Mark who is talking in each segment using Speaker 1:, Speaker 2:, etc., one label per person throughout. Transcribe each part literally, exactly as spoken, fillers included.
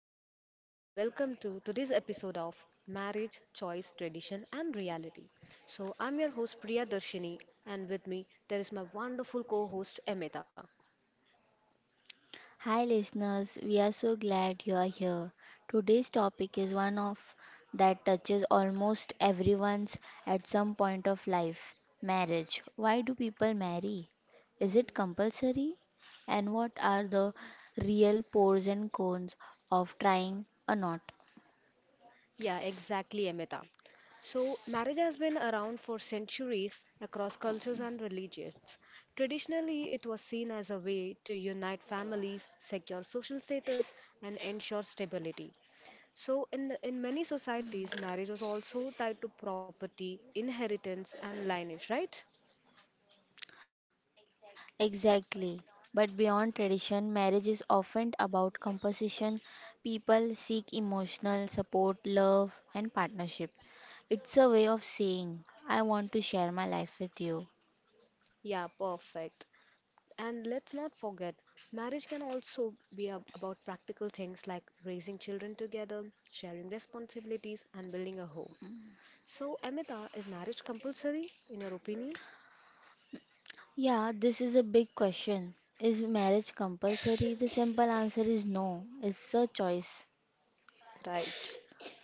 Speaker 1: Hello, everyone, and welcome to today's episode of Marriage, Choice, Tradition, and Reality. So, I'm your host Priya Darshini, and with me there is my wonderful co host Amita.
Speaker 2: Hi, listeners. We are so glad you are here. Today's topic is one of that touches almost everyone's at some point of life marriage. Why do people marry? Is it compulsory? And what are the real pros and cons of trying a knot?
Speaker 1: Yeah, exactly, Amita. So, marriage has been around for centuries across cultures and religions. Traditionally, it was seen as a way to unite families, secure social status, and ensure stability. So, in, in many societies, marriage was also tied to property, inheritance, and lineage, right?
Speaker 2: Exactly. But beyond tradition, marriage is often about composition. People seek emotional support, love, and partnership. It's a way of saying, I want to share my life with you.
Speaker 1: Yeah, perfect. And let's not forget, marriage can also be ab- about practical things like raising children together, sharing responsibilities, and building a home. So, Amita, is marriage compulsory, in your opinion?
Speaker 2: Yeah, this is a big question. Is marriage compulsory? The simple answer is no, it's a choice.
Speaker 1: Right.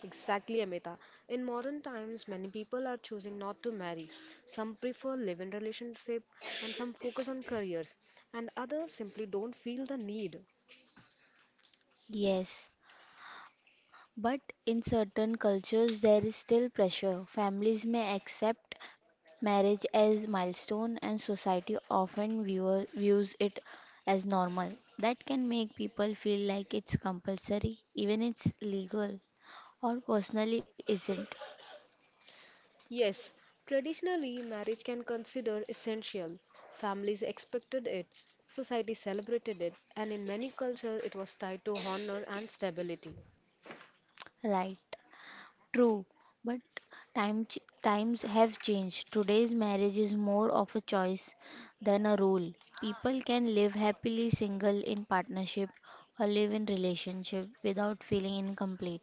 Speaker 1: Exactly, Amita. In modern times, many people are choosing not to marry. Some prefer live-in relationship and some focus on careers and others simply don't feel the need.
Speaker 2: Yes, but in certain cultures there is still pressure. Families may accept marriage as milestone and society often viewer, views it as normal. That can make people feel like it's compulsory even it's legal or personally isn't
Speaker 1: Yes, traditionally marriage can consider essential. Families expected it, society celebrated it, and in many cultures it was tied to honor and stability.
Speaker 2: right. True, but time ch- times have changed. Today's marriage is more of a choice than a rule. People can live happily single in partnership or live in relationship without feeling incomplete.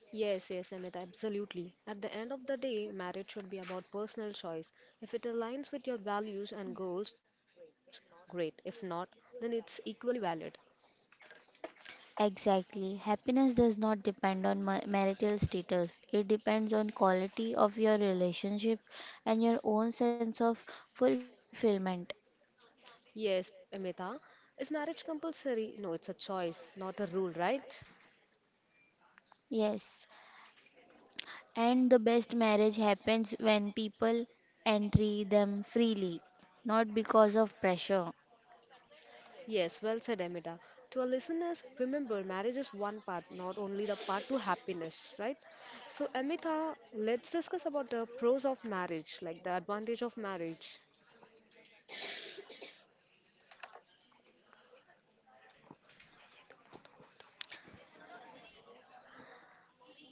Speaker 1: Yes, yes, Amit, absolutely. At the end of the day, marriage should be about personal choice. If it aligns with your values and goals, great. If not, then it's equally valid.
Speaker 2: Exactly. Happiness does not depend on ma- marital status. It depends on quality of your relationship and your own sense of fulfillment.
Speaker 1: Yes, Amita, is marriage compulsory? No, it's a choice, not a rule, right?
Speaker 2: Yes, and the best marriage happens when people enter them freely, not because of pressure.
Speaker 1: Yes, well said, Amita. To our listeners, remember marriage is one part, not only the part to happiness, right? So, Amita, let's discuss about the pros of marriage, like the advantage of marriage.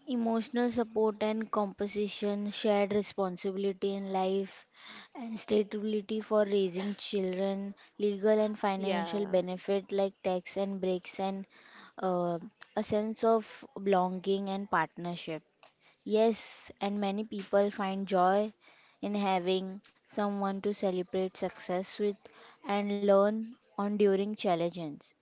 Speaker 2: Emotional support and composition, shared responsibility in life, and stability for raising children, legal and financial
Speaker 1: Yeah.
Speaker 2: benefit like tax and breaks, and uh, a sense of belonging and partnership. Yes, and many people find joy in having someone to celebrate success with and learn on during challenges.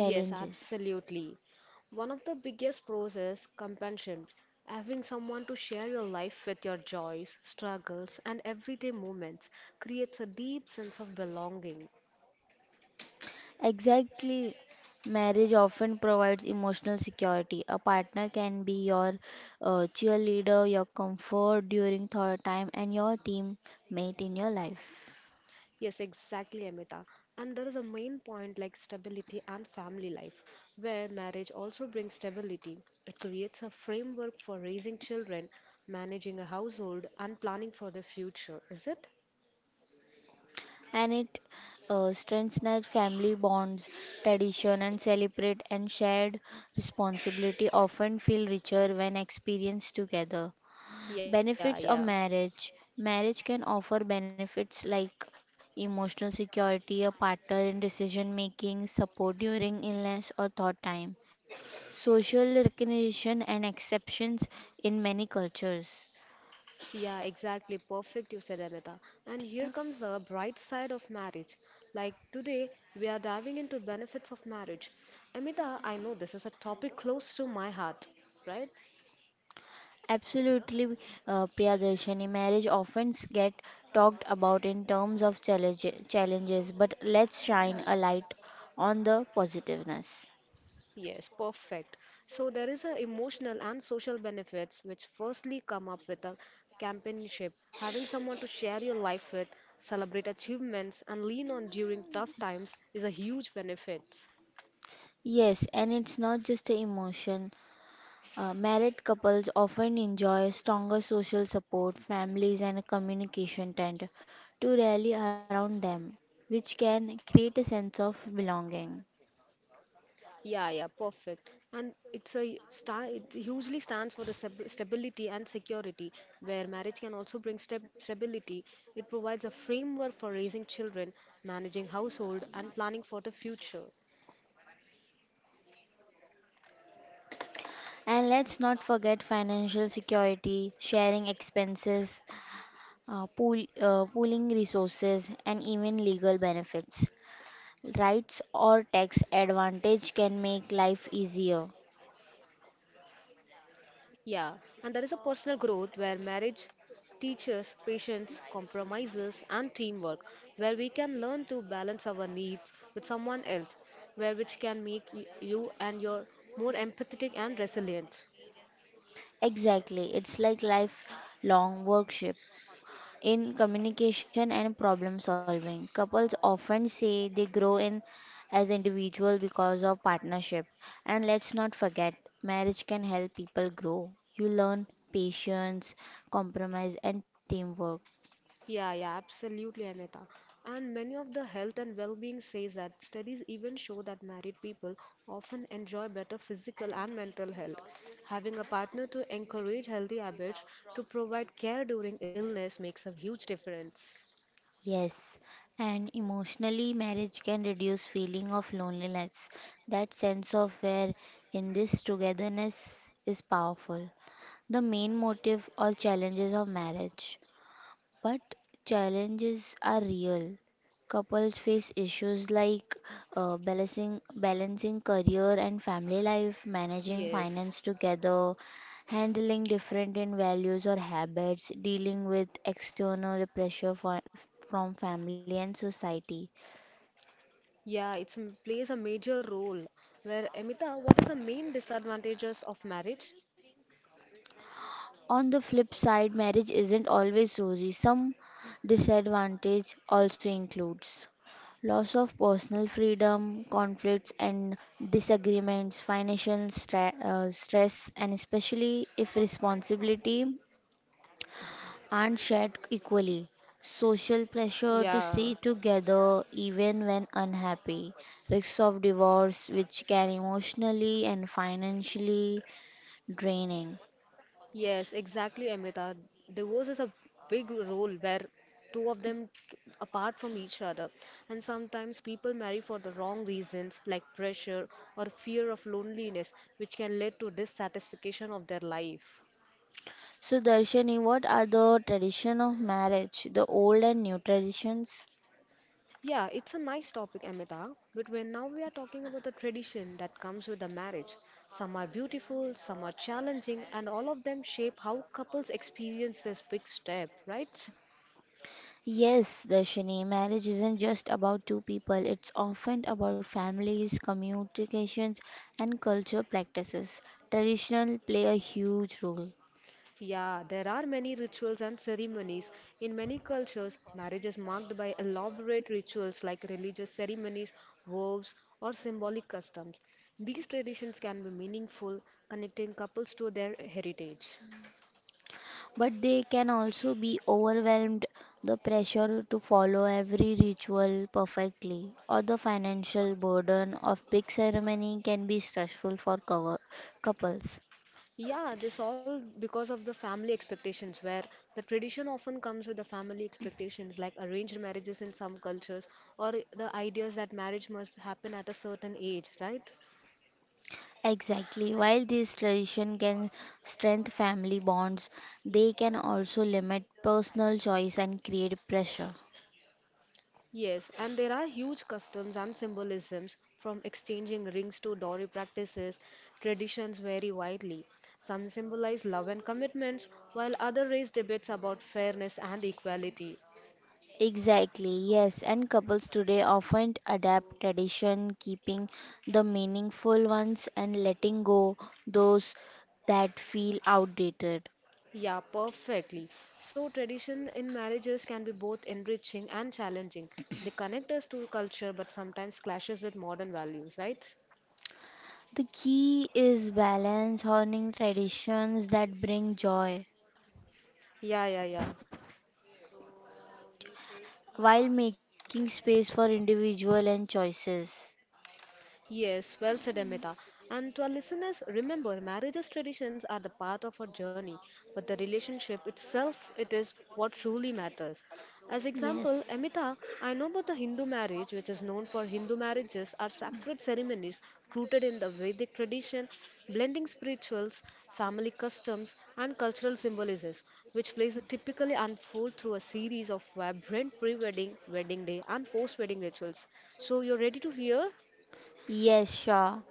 Speaker 1: Yes, absolutely. One of the biggest pros is companionship, having someone to share your life with your joys, struggles, and everyday moments creates a deep sense of belonging.
Speaker 2: Exactly. Marriage often provides emotional security. A partner can be your uh, cheerleader, your comfort during third time, and your teammate in your life.
Speaker 1: Yes, exactly, Amita. And there is a main point like stability and family life, where marriage also brings stability. It creates a framework for raising children, managing a household, and planning for the future, is it?
Speaker 2: And it uh, strengthens family bonds, tradition, and celebrate and shared responsibility often feel richer when experienced together.
Speaker 1: Yeah, yeah.
Speaker 2: Benefits of marriage. Marriage can offer benefits like emotional security, a partner in decision making, support during illness or thought time, social recognition and exceptions in many cultures.
Speaker 1: Yeah, exactly. Perfect, you said, Amita. And here comes the bright side of marriage. Like today, we are diving into benefits of marriage. Amita, I know this is a topic close to my heart, right?
Speaker 2: Absolutely, uh, Priyadarshini. Marriage often get talked about in terms of challenge, challenges, but let's shine a light on the positiveness.
Speaker 1: Yes, perfect. So there is a emotional and social benefits which firstly come up with a companionship, having someone to share your life with, celebrate achievements, and lean on during tough times is a huge benefit.
Speaker 2: Yes, and it's not just the emotion. Uh, married couples often enjoy stronger social support, families, and communication tend to rally around them, which can create a sense of belonging.
Speaker 1: Yeah, yeah, perfect. And it's a star. It hugely stands for the stab- stability and security, where marriage can also bring stab stability. It provides a framework for raising children, managing household, and planning for the future.
Speaker 2: And let's not forget financial security, sharing expenses, uh, pool, uh, pooling resources, and even legal benefits. Rights or tax advantage can make life easier.
Speaker 1: Yeah, and there is a personal growth where marriage teaches patience, compromises, and teamwork, where we can learn to balance our needs with someone else, where which can make y- you and your more empathetic and resilient.
Speaker 2: Exactly, it's like lifelong workshop in communication and problem solving. Couples often say they grow in as individuals because of partnership. And let's not forget, marriage can help people grow. You learn patience, compromise, and teamwork.
Speaker 1: Yeah, yeah, absolutely, Amita. And many of the health and well-being says that studies even show that married people often enjoy better physical and mental health. Having a partner to encourage healthy habits to provide care during illness makes a huge difference.
Speaker 2: Yes, and emotionally, marriage can reduce feeling of loneliness. That sense of where in this togetherness is powerful. The main motive or challenges of marriage. But challenges are real. Couples face issues like uh, balancing balancing career and family life, managing finance
Speaker 1: Yes.
Speaker 2: together, handling different in values or habits, dealing with external pressure for, from family and society.
Speaker 1: Yeah, it plays a major role. Where, Amita, what is the main disadvantages of marriage?
Speaker 2: On the flip side, marriage isn't always rosy. Some disadvantage also includes loss of personal freedom, conflicts and disagreements, financial stra- uh, stress, and especially if responsibility aren't shared equally. Social pressure to
Speaker 1: Yeah.
Speaker 2: stay together even when unhappy, risks of divorce, which can emotionally and financially draining.
Speaker 1: Yes, exactly, Amita. Divorce is a big role where two of them k- apart from each other. And sometimes people marry for the wrong reasons, like pressure or fear of loneliness, which can lead to dissatisfaction of their life.
Speaker 2: So, Darshani, what are the tradition of marriage, the old and new traditions?
Speaker 1: Yeah, it's a nice topic, Amita. But when now we are talking about the tradition that comes with the marriage, some are beautiful, some are challenging, and all of them shape how couples experience this big step, right?
Speaker 2: Yes, Darshani, marriage isn't just about two people. It's often about families, communications, and culture practices. Traditional play a huge role,
Speaker 1: Yeah, there are many rituals and ceremonies. In many cultures, marriage is marked by elaborate rituals like religious ceremonies, vows, or symbolic customs. These traditions can be meaningful, connecting couples to their heritage.
Speaker 2: but they can also be overwhelmed the pressure to follow every ritual perfectly or the financial burden of big ceremony can be stressful for cover- couples.
Speaker 1: Yeah, this all because of the family expectations, where the tradition often comes with the family expectations, like arranged marriages in some cultures, or the ideas that marriage must happen at a certain age, right?
Speaker 2: Exactly. While this tradition can strengthen family bonds, they can also limit personal choice and create pressure.
Speaker 1: Yes, and there are huge customs and symbolisms from exchanging rings to dowry practices. Traditions vary widely. Some symbolize love and commitments, while others raise debates about fairness and equality.
Speaker 2: Exactly, yes, and couples today often adapt tradition, keeping the meaningful ones and letting go those that feel outdated.
Speaker 1: Yeah, perfectly. So, tradition in marriages can be both enriching and challenging. They connect us to culture but sometimes clashes with modern values, right?
Speaker 2: The key is balance, honoring traditions that bring joy
Speaker 1: Yeah, yeah, yeah.
Speaker 2: while making space for individual and choices.
Speaker 1: Yes, well said, Amita. And to our listeners, remember, marriage's traditions are the part of our journey, but the relationship itself, it is what truly matters. As example,
Speaker 2: Yes.
Speaker 1: Amita, I know about the Hindu marriage, which is known for Hindu marriages are sacred ceremonies rooted in the Vedic tradition, blending spirituals, family customs, and cultural symbolisms, which plays a typically unfold through a series of vibrant pre-wedding, wedding day, and post-wedding rituals. So you're ready to hear?
Speaker 2: Yes, sure.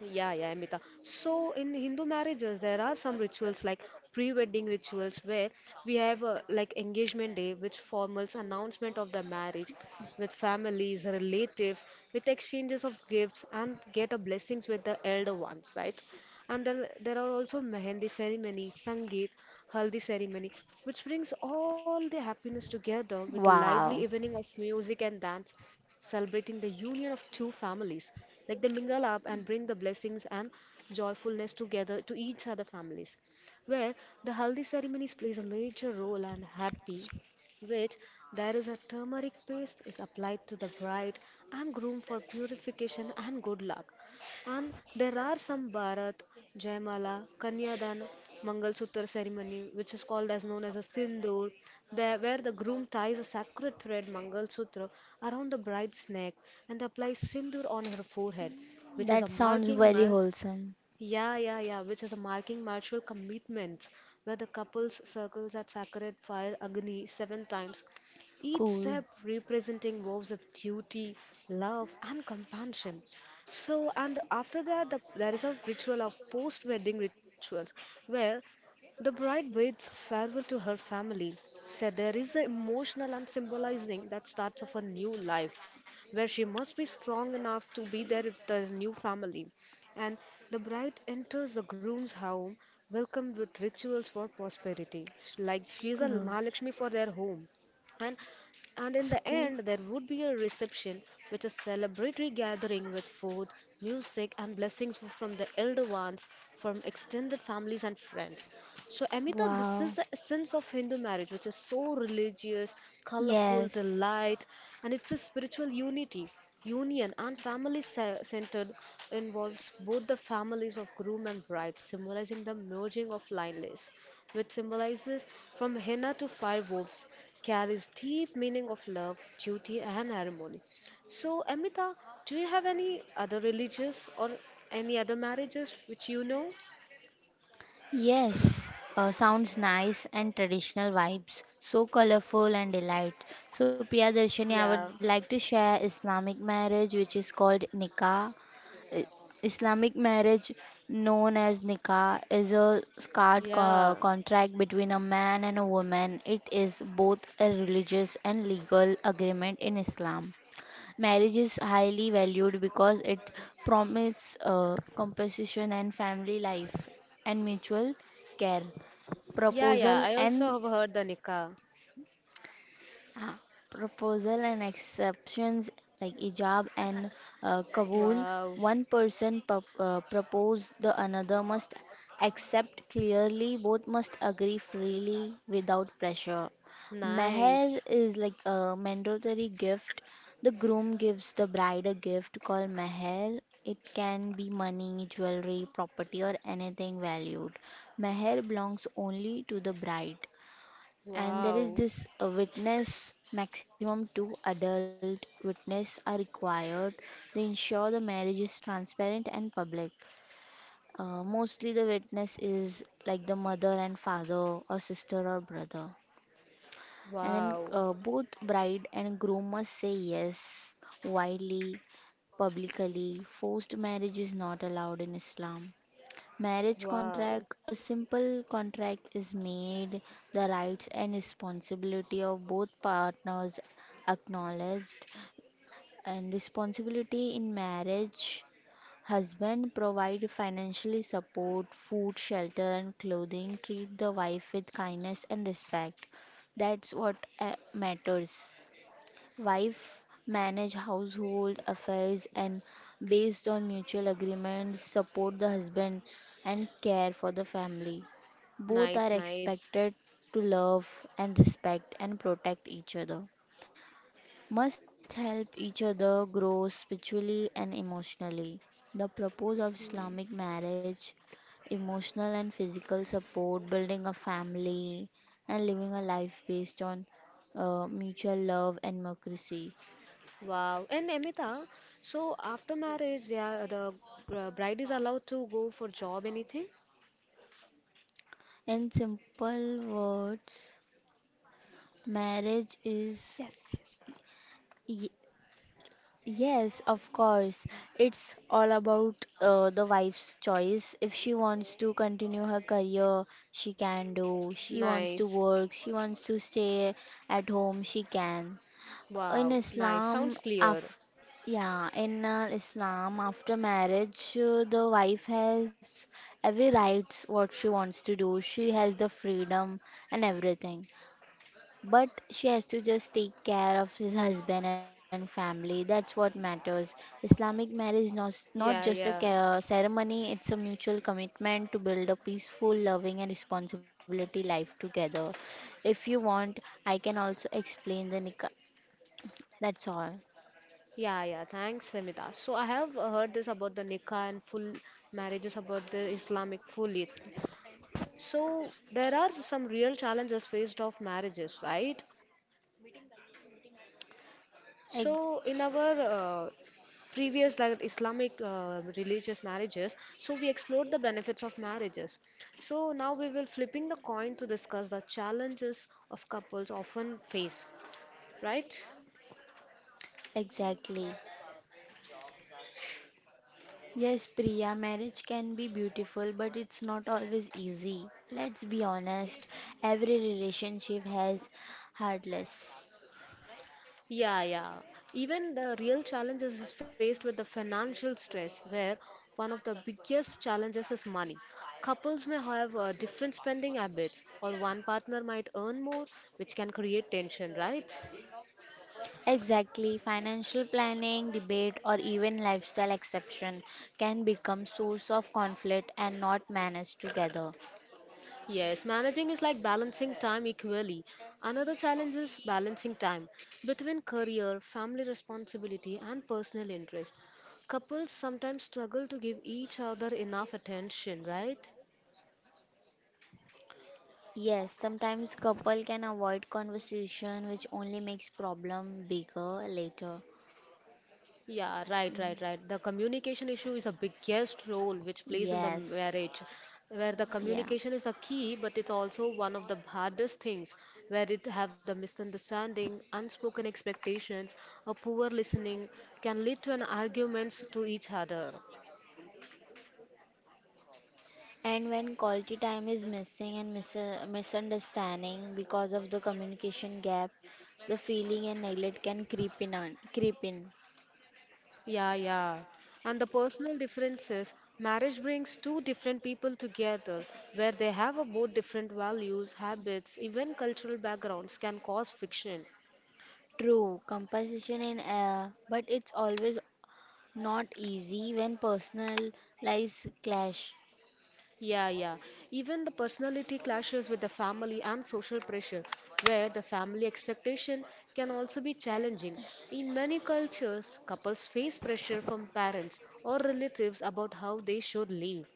Speaker 1: Yeah, yeah, Amita. So in Hindu marriages, there are some rituals like pre-wedding rituals where we have a, like engagement day, which formals announcement of the marriage with families, relatives, with exchanges of gifts and get a blessings with the elder ones, right? And then there are also mehendi ceremony, sangeet, haldi ceremony, which brings all the happiness together with lively
Speaker 2: Wow.
Speaker 1: evening of music and dance, celebrating the union of two families. Like they mingle up and bring the blessings and joyfulness together to each other families, where the haldi ceremonies plays a major role and happy, which there is a turmeric paste is applied to the bride and groom for purification and good luck. And there are some Bharat, Jaimala, Kanyadan, Mangalsutra ceremony, which is called as known as a Sindoor, there where the groom ties a sacred thread Mangalsutra around the bride's neck and applies Sindoor on her forehead, which is
Speaker 2: That
Speaker 1: a
Speaker 2: sounds
Speaker 1: marking
Speaker 2: very
Speaker 1: mark
Speaker 2: wholesome.
Speaker 1: yeah, yeah, yeah, which is a marking marital commitment where the couples circles at sacred fire Agni seven times, each
Speaker 2: Cool.
Speaker 1: step representing vows of duty, love, and companionship. So, and after that, the, there is a ritual of post wedding rituals where the bride bids farewell to her family. So there is an emotional and symbolizing that starts of a new life where she must be strong enough to be there with the new family and the bride enters the groom's home, welcomed with rituals for prosperity. Like she is a
Speaker 2: Cool.
Speaker 1: Mahalakshmi for their home. And, and in the
Speaker 2: School.
Speaker 1: end, there would be a reception, which is celebratory gathering with food, music, and blessings from the elder ones, from extended families and friends. So, Amita, this is
Speaker 2: Wow.
Speaker 1: the essence of Hindu marriage, which is so religious, colorful, the
Speaker 2: Yes.
Speaker 1: light, and it's a spiritual unity, union, and family ce- centered, involves both the families of groom and bride, symbolizing the merging of lineless, which symbolizes from henna to fire wolves, carries deep meaning of love, duty, and harmony. So, Amita, do you have any other religious or any other marriages which you know?
Speaker 2: Yes, uh, sounds nice and traditional vibes, so colorful and delight. So, Priya Darshini, I
Speaker 1: Yeah,
Speaker 2: would like to share Islamic marriage, which is called nikah. I- Islamic marriage, known as nikah, is a sacred
Speaker 1: yeah.
Speaker 2: co- contract between a man and a woman. It is both a religious and legal agreement in Islam. Marriage is highly valued because it promises uh, compensation and family life and mutual care.
Speaker 1: Yeah, yeah,
Speaker 2: Proposal
Speaker 1: I also
Speaker 2: and
Speaker 1: have heard the nikah.
Speaker 2: ah, proposal and exceptions like Ijab and uh, Kabul.
Speaker 1: Wow,
Speaker 2: One person pro- uh, propose, the another must accept clearly. Both must agree freely without pressure. Meher
Speaker 1: nice.
Speaker 2: is like a mandatory gift. The groom gives the bride a gift called meher. It can be money, jewelry, property, or anything valued. Meher belongs only to the bride. And there is
Speaker 1: Wow,
Speaker 2: this uh, witness, maximum two adult witness are required. They ensure the marriage is transparent and public. Uh, mostly the witness is like the mother and father or sister or brother. And then
Speaker 1: wow,
Speaker 2: uh, both bride and groom must say yes, widely, publicly. Forced marriage is not allowed in Islam marriage
Speaker 1: wow.
Speaker 2: contract, a simple contract is made, the rights and responsibility of both partners acknowledged and responsibility in marriage, husband provide financially support food shelter and clothing, treat the wife with kindness and respect. That's what uh, matters. Wife manage household affairs and based on mutual agreement support the husband and care for the family. Both are
Speaker 1: Nice, nice.
Speaker 2: expected to love and respect and protect each other. Must help each other grow spiritually and emotionally. The purpose of
Speaker 1: Mm.
Speaker 2: Islamic marriage, emotional and physical support, building a family, and living a life based on uh, mutual love and democracy.
Speaker 1: Wow. And Amita, so after marriage, they are the uh, bride is allowed to go for job, anything?
Speaker 2: In simple words, marriage is y- yes, of course. It's all about uh, the wife's choice. If she wants to continue her career, she can do. She wants to
Speaker 1: Nice.
Speaker 2: work, she wants to stay at home, she can. In
Speaker 1: Wow, nice. Sounds
Speaker 2: Islam,
Speaker 1: clear.
Speaker 2: af yeah, in uh, Islam, after marriage, uh, the wife has every rights what she wants to do. She has the freedom and everything. But she has to just take care of his husband and family. That's what matters. Islamic marriage is not,
Speaker 1: Yeah,
Speaker 2: not
Speaker 1: yeah.
Speaker 2: just a ca- ceremony, it's a mutual commitment to build a peaceful, loving, and responsibility life together. If you want, I can also explain the nikah. That's all.
Speaker 1: Yeah, yeah. Thanks, Amita. So I have heard this about the nikah and full marriages about the Islamic full it. So there are some real challenges faced of marriages, right?
Speaker 2: Ex-
Speaker 1: So in our uh, previous like Islamic uh, religious marriages, so we explored the benefits of marriages. So now we will flipping the coin to discuss the challenges of couples often face, right?
Speaker 2: Exactly. Yes, Priya, marriage can be beautiful, but it's not always easy. Let's be honest, every relationship has hurdles.
Speaker 1: Yeah, yeah. Even the real challenges is faced with the financial stress, where one of the biggest challenges is money. Couples may have uh, different spending habits, or one partner might earn more, which can create tension, right?
Speaker 2: Exactly, financial planning, debate, or even lifestyle exception can become source of conflict and not managed together.
Speaker 1: Yes, managing is like balancing time equally. Another challenge is balancing time between career, family responsibility, and personal interest. Couples sometimes struggle to give each other enough attention, right?
Speaker 2: Yes, sometimes couple can avoid conversation which only makes problem bigger later.
Speaker 1: Yeah, right, right,
Speaker 2: Mm,
Speaker 1: right. The communication issue is a biggest role which plays in the
Speaker 2: yes,
Speaker 1: marriage, where the
Speaker 2: yeah.
Speaker 1: communication is the key, but it's also one of the hardest things, where it have the misunderstanding, unspoken expectations, a poor listening can lead to an arguments to each other.
Speaker 2: And when quality time is missing and mis- misunderstanding because of the communication gap, the feeling and neglect can creep in, on, creep in.
Speaker 1: Yeah, yeah. And the personal differences, marriage brings two different people together where they have a both different values, habits, even cultural backgrounds can cause friction.
Speaker 2: True, composition in air, but it's always not easy when personal lives clash,
Speaker 1: Yeah, yeah. Even the personality clashes with the family and social pressure, where the family expectation can also be challenging. In many cultures, couples face pressure from parents or relatives about how they should live.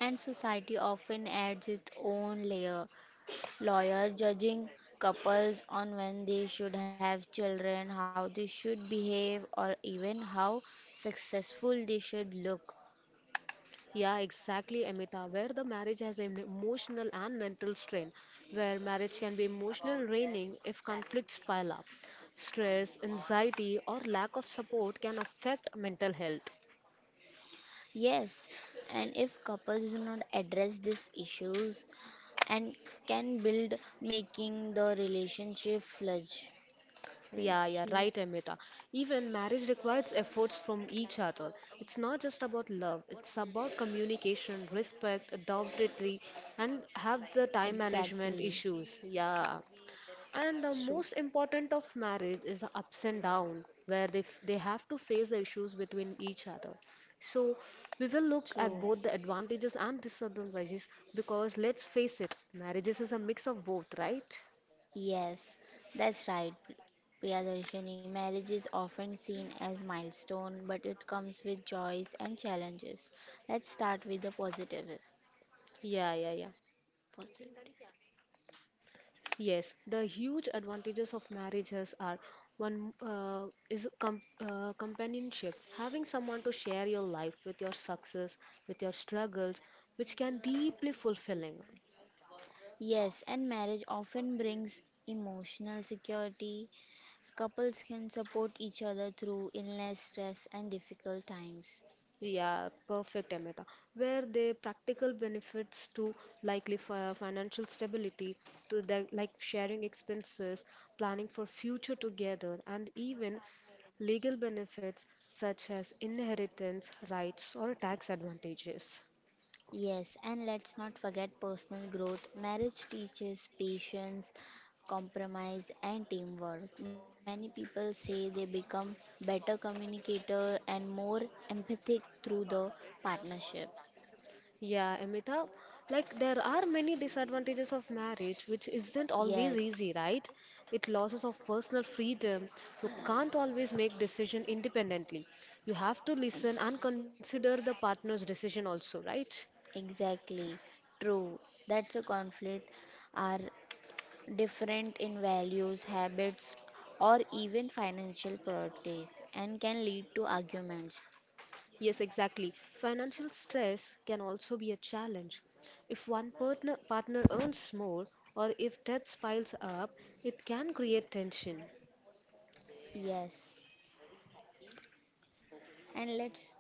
Speaker 2: and society often adds its own layer. Lawyer judging couples on when they should have children, how they should behave, or even how successful they should look.
Speaker 1: Yeah, exactly, Amita, where the marriage has an emotional and mental strain, where marriage can be emotional draining if conflicts pile up. Stress, anxiety, or lack of support can affect mental health.
Speaker 2: Yes, and if couples do not address these issues, and can build making the relationship fledge.
Speaker 1: Yeah, yeah,
Speaker 2: Fledgling.
Speaker 1: right, Amita. Even marriage requires efforts from each other. It's not just about love, it's about communication, respect, adaptability, and have the time management
Speaker 2: Exactly.
Speaker 1: issues. Yeah. And the
Speaker 2: True.
Speaker 1: most important of marriage is the ups and downs, where they, f- they have to face the issues between each other. So we will look at
Speaker 2: True.
Speaker 1: both the advantages and disadvantages because let's face it, marriages is a mix of both, right?
Speaker 2: Yes, that's right. P- Priyadarshini, marriage is often seen as milestone, but it comes with joys and challenges. Let's start with the positive.
Speaker 1: Yeah, yeah, yeah.
Speaker 2: Positive.
Speaker 1: Yes, the huge advantages of marriages are one, uh, is com uh, companionship, having someone to share your life with your success, with your struggles, which can deeply fulfilling.
Speaker 2: Yes, and marriage often brings emotional security. Couples can support each other through illness, stress, and difficult times.
Speaker 1: Yeah, perfect, Amita. Where the practical benefits to likely fi- financial stability, to the like sharing expenses, planning for future together, and even legal benefits such as inheritance rights or tax advantages.
Speaker 2: Yes, and let's not forget personal growth. Marriage teaches patience, compromise, and teamwork. Many people say they become better communicator and more empathic through the partnership.
Speaker 1: Yeah, Amita, like there are many disadvantages of marriage, which isn't always easy,
Speaker 2: Yes,
Speaker 1: right? It losses of personal freedom. You can't always make decision independently. You have to
Speaker 2: e-
Speaker 1: listen and consider the partner's decision also, right?
Speaker 2: exactly. True. That's a conflict are different in values, habits, or even financial priorities and can lead to arguments.
Speaker 1: Yes, exactly. Financial stress can also be a challenge. If one partner partner earns more or if debt piles up, it can create tension.
Speaker 2: Yes. And let's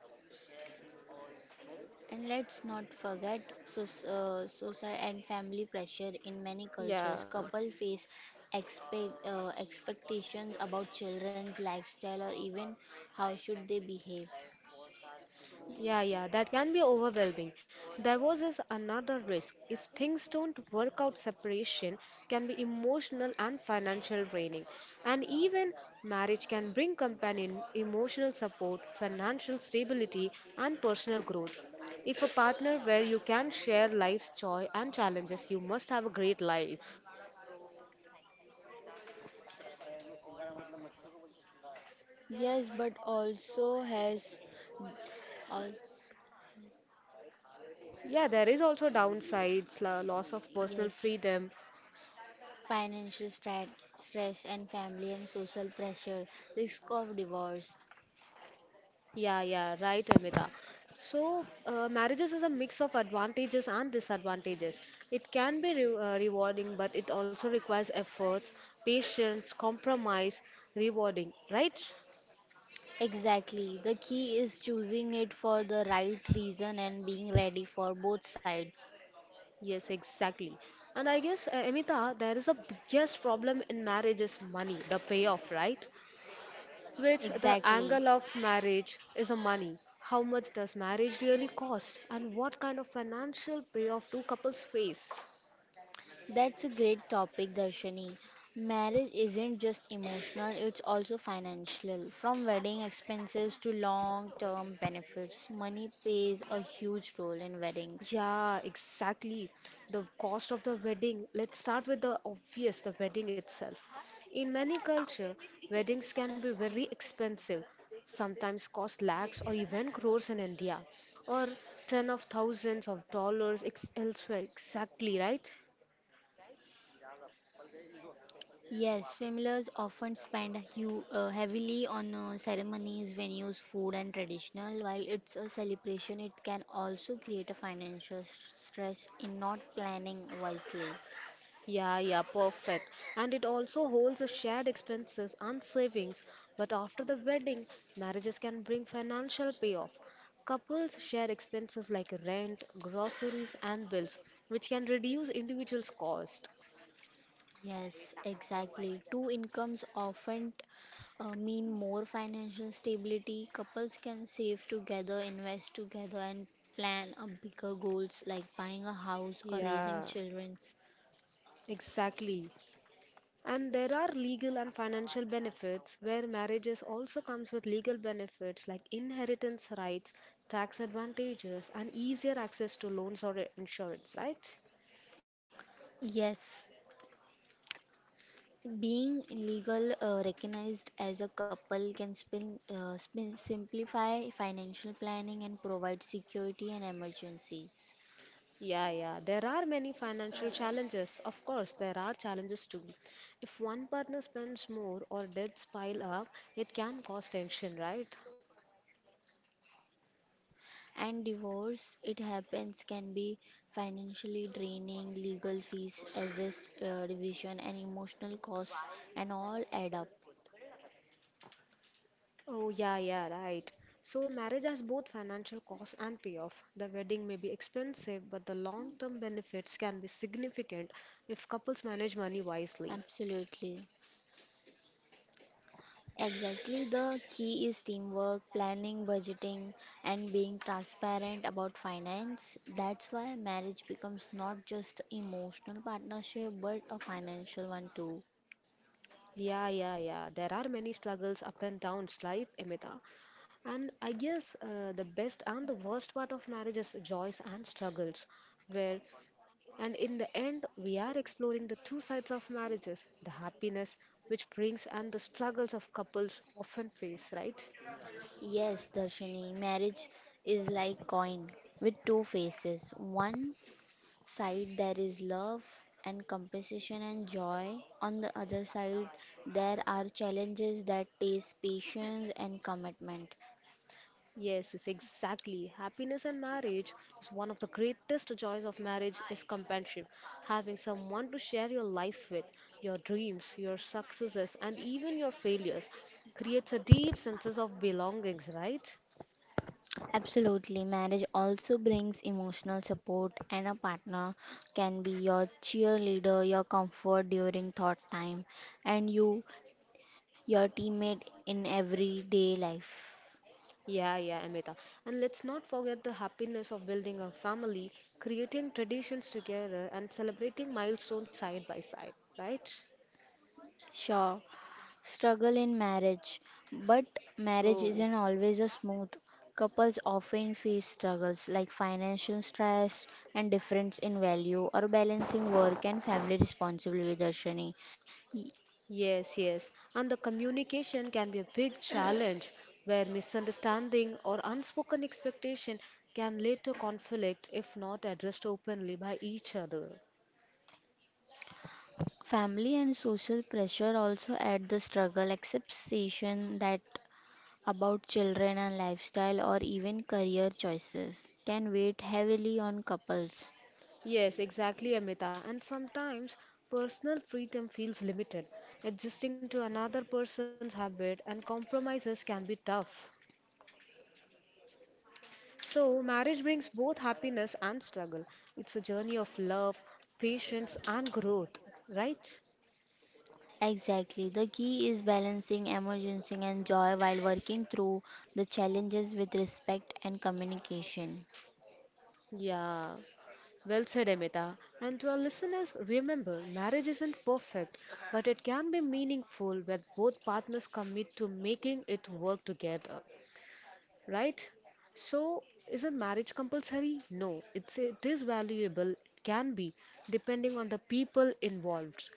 Speaker 2: And let's not forget soc- uh, social and family pressure in many
Speaker 1: Yeah.
Speaker 2: cultures. Couple face expect, uh, expectations about children's lifestyle or even how should they behave.
Speaker 1: Yeah, yeah, that can be overwhelming. Divorce is another risk. If things don't work out, separation can be emotional and financial draining. And even marriage can bring companion emotional support, financial stability, and personal growth. If a partner where you can share life's joy and challenges, you must have a great life.
Speaker 2: Yes, but also has also,
Speaker 1: Yeah, there is also downsides, lo- loss of personal
Speaker 2: yes,
Speaker 1: freedom.
Speaker 2: financial stra- stress and family and social pressure, risk of divorce.
Speaker 1: Yeah, yeah, right, Amita. So, uh, marriages is a mix of advantages and disadvantages. It can be re uh, rewarding, but it also requires efforts, patience, compromise, rewarding, right?
Speaker 2: Exactly. The key is choosing it for the right reason and being ready for both sides.
Speaker 1: Yes, exactly. And I guess, uh, Amita, there is a biggest problem in marriage is money, the payoff, right? Which the
Speaker 2: Exactly.
Speaker 1: angle of marriage is a money. How much does marriage really cost, and what kind of financial payoff do couples face?
Speaker 2: That's a great topic, Darshani. Marriage isn't just emotional, it's also financial. From wedding expenses to long term benefits, money plays a huge role in weddings.
Speaker 1: Yeah, exactly. The cost of the wedding. Let's start with the obvious, the wedding itself. In many
Speaker 2: Yeah.
Speaker 1: cultures, weddings can be very expensive, sometimes cost lakhs or even crores in India, or ten of thousands of dollars ex- elsewhere. Exactly, right?
Speaker 2: Yes, families often spend hu uh, heavily on uh, ceremonies, venues, food, and traditional. While it's a celebration, it can also create a financial s- stress in not planning wisely.
Speaker 1: Yeah, yeah, perfect. And it also holds a shared expenses and savings. But after the wedding, marriages can bring financial payoff. Couples share expenses like rent, groceries, and bills, which can reduce individuals' cost.
Speaker 2: Yes, exactly. Two incomes often uh, mean more financial stability. Couples can save together, invest together, and plan a bigger goals like buying a house or raising
Speaker 1: Yeah,
Speaker 2: children.
Speaker 1: exactly. And there are legal and financial benefits where marriages also comes with legal benefits like inheritance rights, tax advantages, and easier access to loans or insurance, right?
Speaker 2: Yes, being legal uh, recognized as a couple can spin, uh, spin, simplify financial planning and provide security in emergencies.
Speaker 1: Yeah, yeah. There are many financial challenges. Of course, there are challenges too. If one partner spends more or debts pile up, it can cause tension, right?
Speaker 2: And divorce, it happens, can be financially draining, legal fees, as this uh, division and emotional costs and all add up.
Speaker 1: Oh, yeah, yeah, right. So, marriage has both financial costs and payoff. The wedding may be expensive, but the long-term benefits can be significant if couples manage money wisely.
Speaker 2: Absolutely. Exactly. The key is teamwork, planning, budgeting, and being transparent about finance. That's why marriage becomes not just emotional partnership but a financial one too.
Speaker 1: Yeah, yeah, yeah. There are many struggles, up and downs, right, Emita? And I guess uh, the best and the worst part of marriage is joys and struggles, where and in the end we are exploring the two sides of marriages, the happiness which brings and the struggles of couples often face, right?
Speaker 2: Yes, Darshini, marriage is like coin with two faces. One side there is love and compensation and joy. On the other side there are challenges that taste patience and commitment.
Speaker 1: Yes, yes, exactly. Happiness in marriage is one of the greatest joys of marriage is companionship. Having someone to share your life with, your dreams, your successes, and even your failures creates a deep sense of belongings, right?
Speaker 2: Absolutely. Marriage also brings emotional support, and a partner can be your cheerleader, your comfort during thought time, and you, your teammate in everyday life.
Speaker 1: Yeah, yeah, Amita. And let's not forget the happiness of building a family, creating traditions together, and celebrating milestones side by side, right?
Speaker 2: Sure, struggle in marriage, but marriage
Speaker 1: Oh,
Speaker 2: isn't always a smooth. Couples often face struggles like financial stress and difference in value or balancing work and family responsibility, Darshani.
Speaker 1: yes, yes. And the communication can be a big challenge where misunderstanding or unspoken expectation can lead to conflict if not addressed openly by each other.
Speaker 2: Family and social pressure also add the struggle, acceptation that about children and lifestyle or even career choices can weigh heavily on couples.
Speaker 1: Yes, exactly, Amita. And sometimes personal freedom feels limited. Adjusting to another person's habit and compromises can be tough. So, marriage brings both happiness and struggle. It's a journey of love, patience, and growth, right?
Speaker 2: Exactly. The key is balancing emergency and joy while working through the challenges with respect and communication.
Speaker 1: Yeah. Well said, Amita. And to our listeners, remember marriage isn't perfect, but it can be meaningful when both partners commit to making it work together, right? So, isn't marriage compulsory? No, it's it is valuable. It can be depending on the people involved.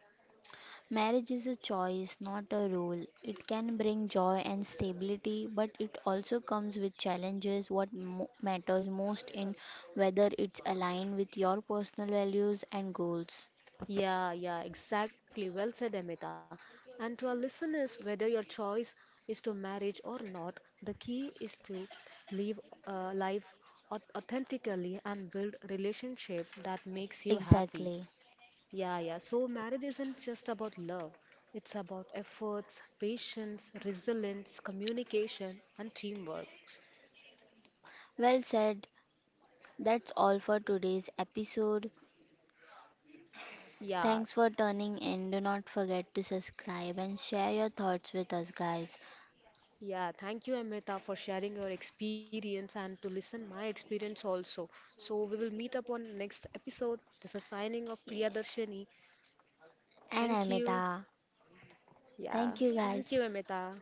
Speaker 2: Marriage is a choice, not a rule. It can bring joy and stability, but it also comes with challenges. What mo- matters most in whether it's aligned with your personal values and goals.
Speaker 1: Yeah, yeah, exactly. Well said, Amita. And to our listeners, whether your choice is to marriage or not, the key is to live a life au- authentically and build relationship that makes you happy.
Speaker 2: Exactly.
Speaker 1: Yeah, yeah. So marriage isn't just about love. It's about efforts, patience, resilience, communication, and teamwork.
Speaker 2: Well said. That's all for today's episode.
Speaker 1: Yeah,
Speaker 2: Thanks for tuning in. Do not forget to subscribe and share your thoughts with us, guys.
Speaker 1: yeah. Thank you, Amrita, for sharing your experience and to listen my experience also. So we will meet up on next episode. This is signing of Priyadarshini.
Speaker 2: And
Speaker 1: Thank you.
Speaker 2: Amita.
Speaker 1: Yeah,
Speaker 2: Thank you,
Speaker 1: thank you,
Speaker 2: guys.
Speaker 1: Amrita.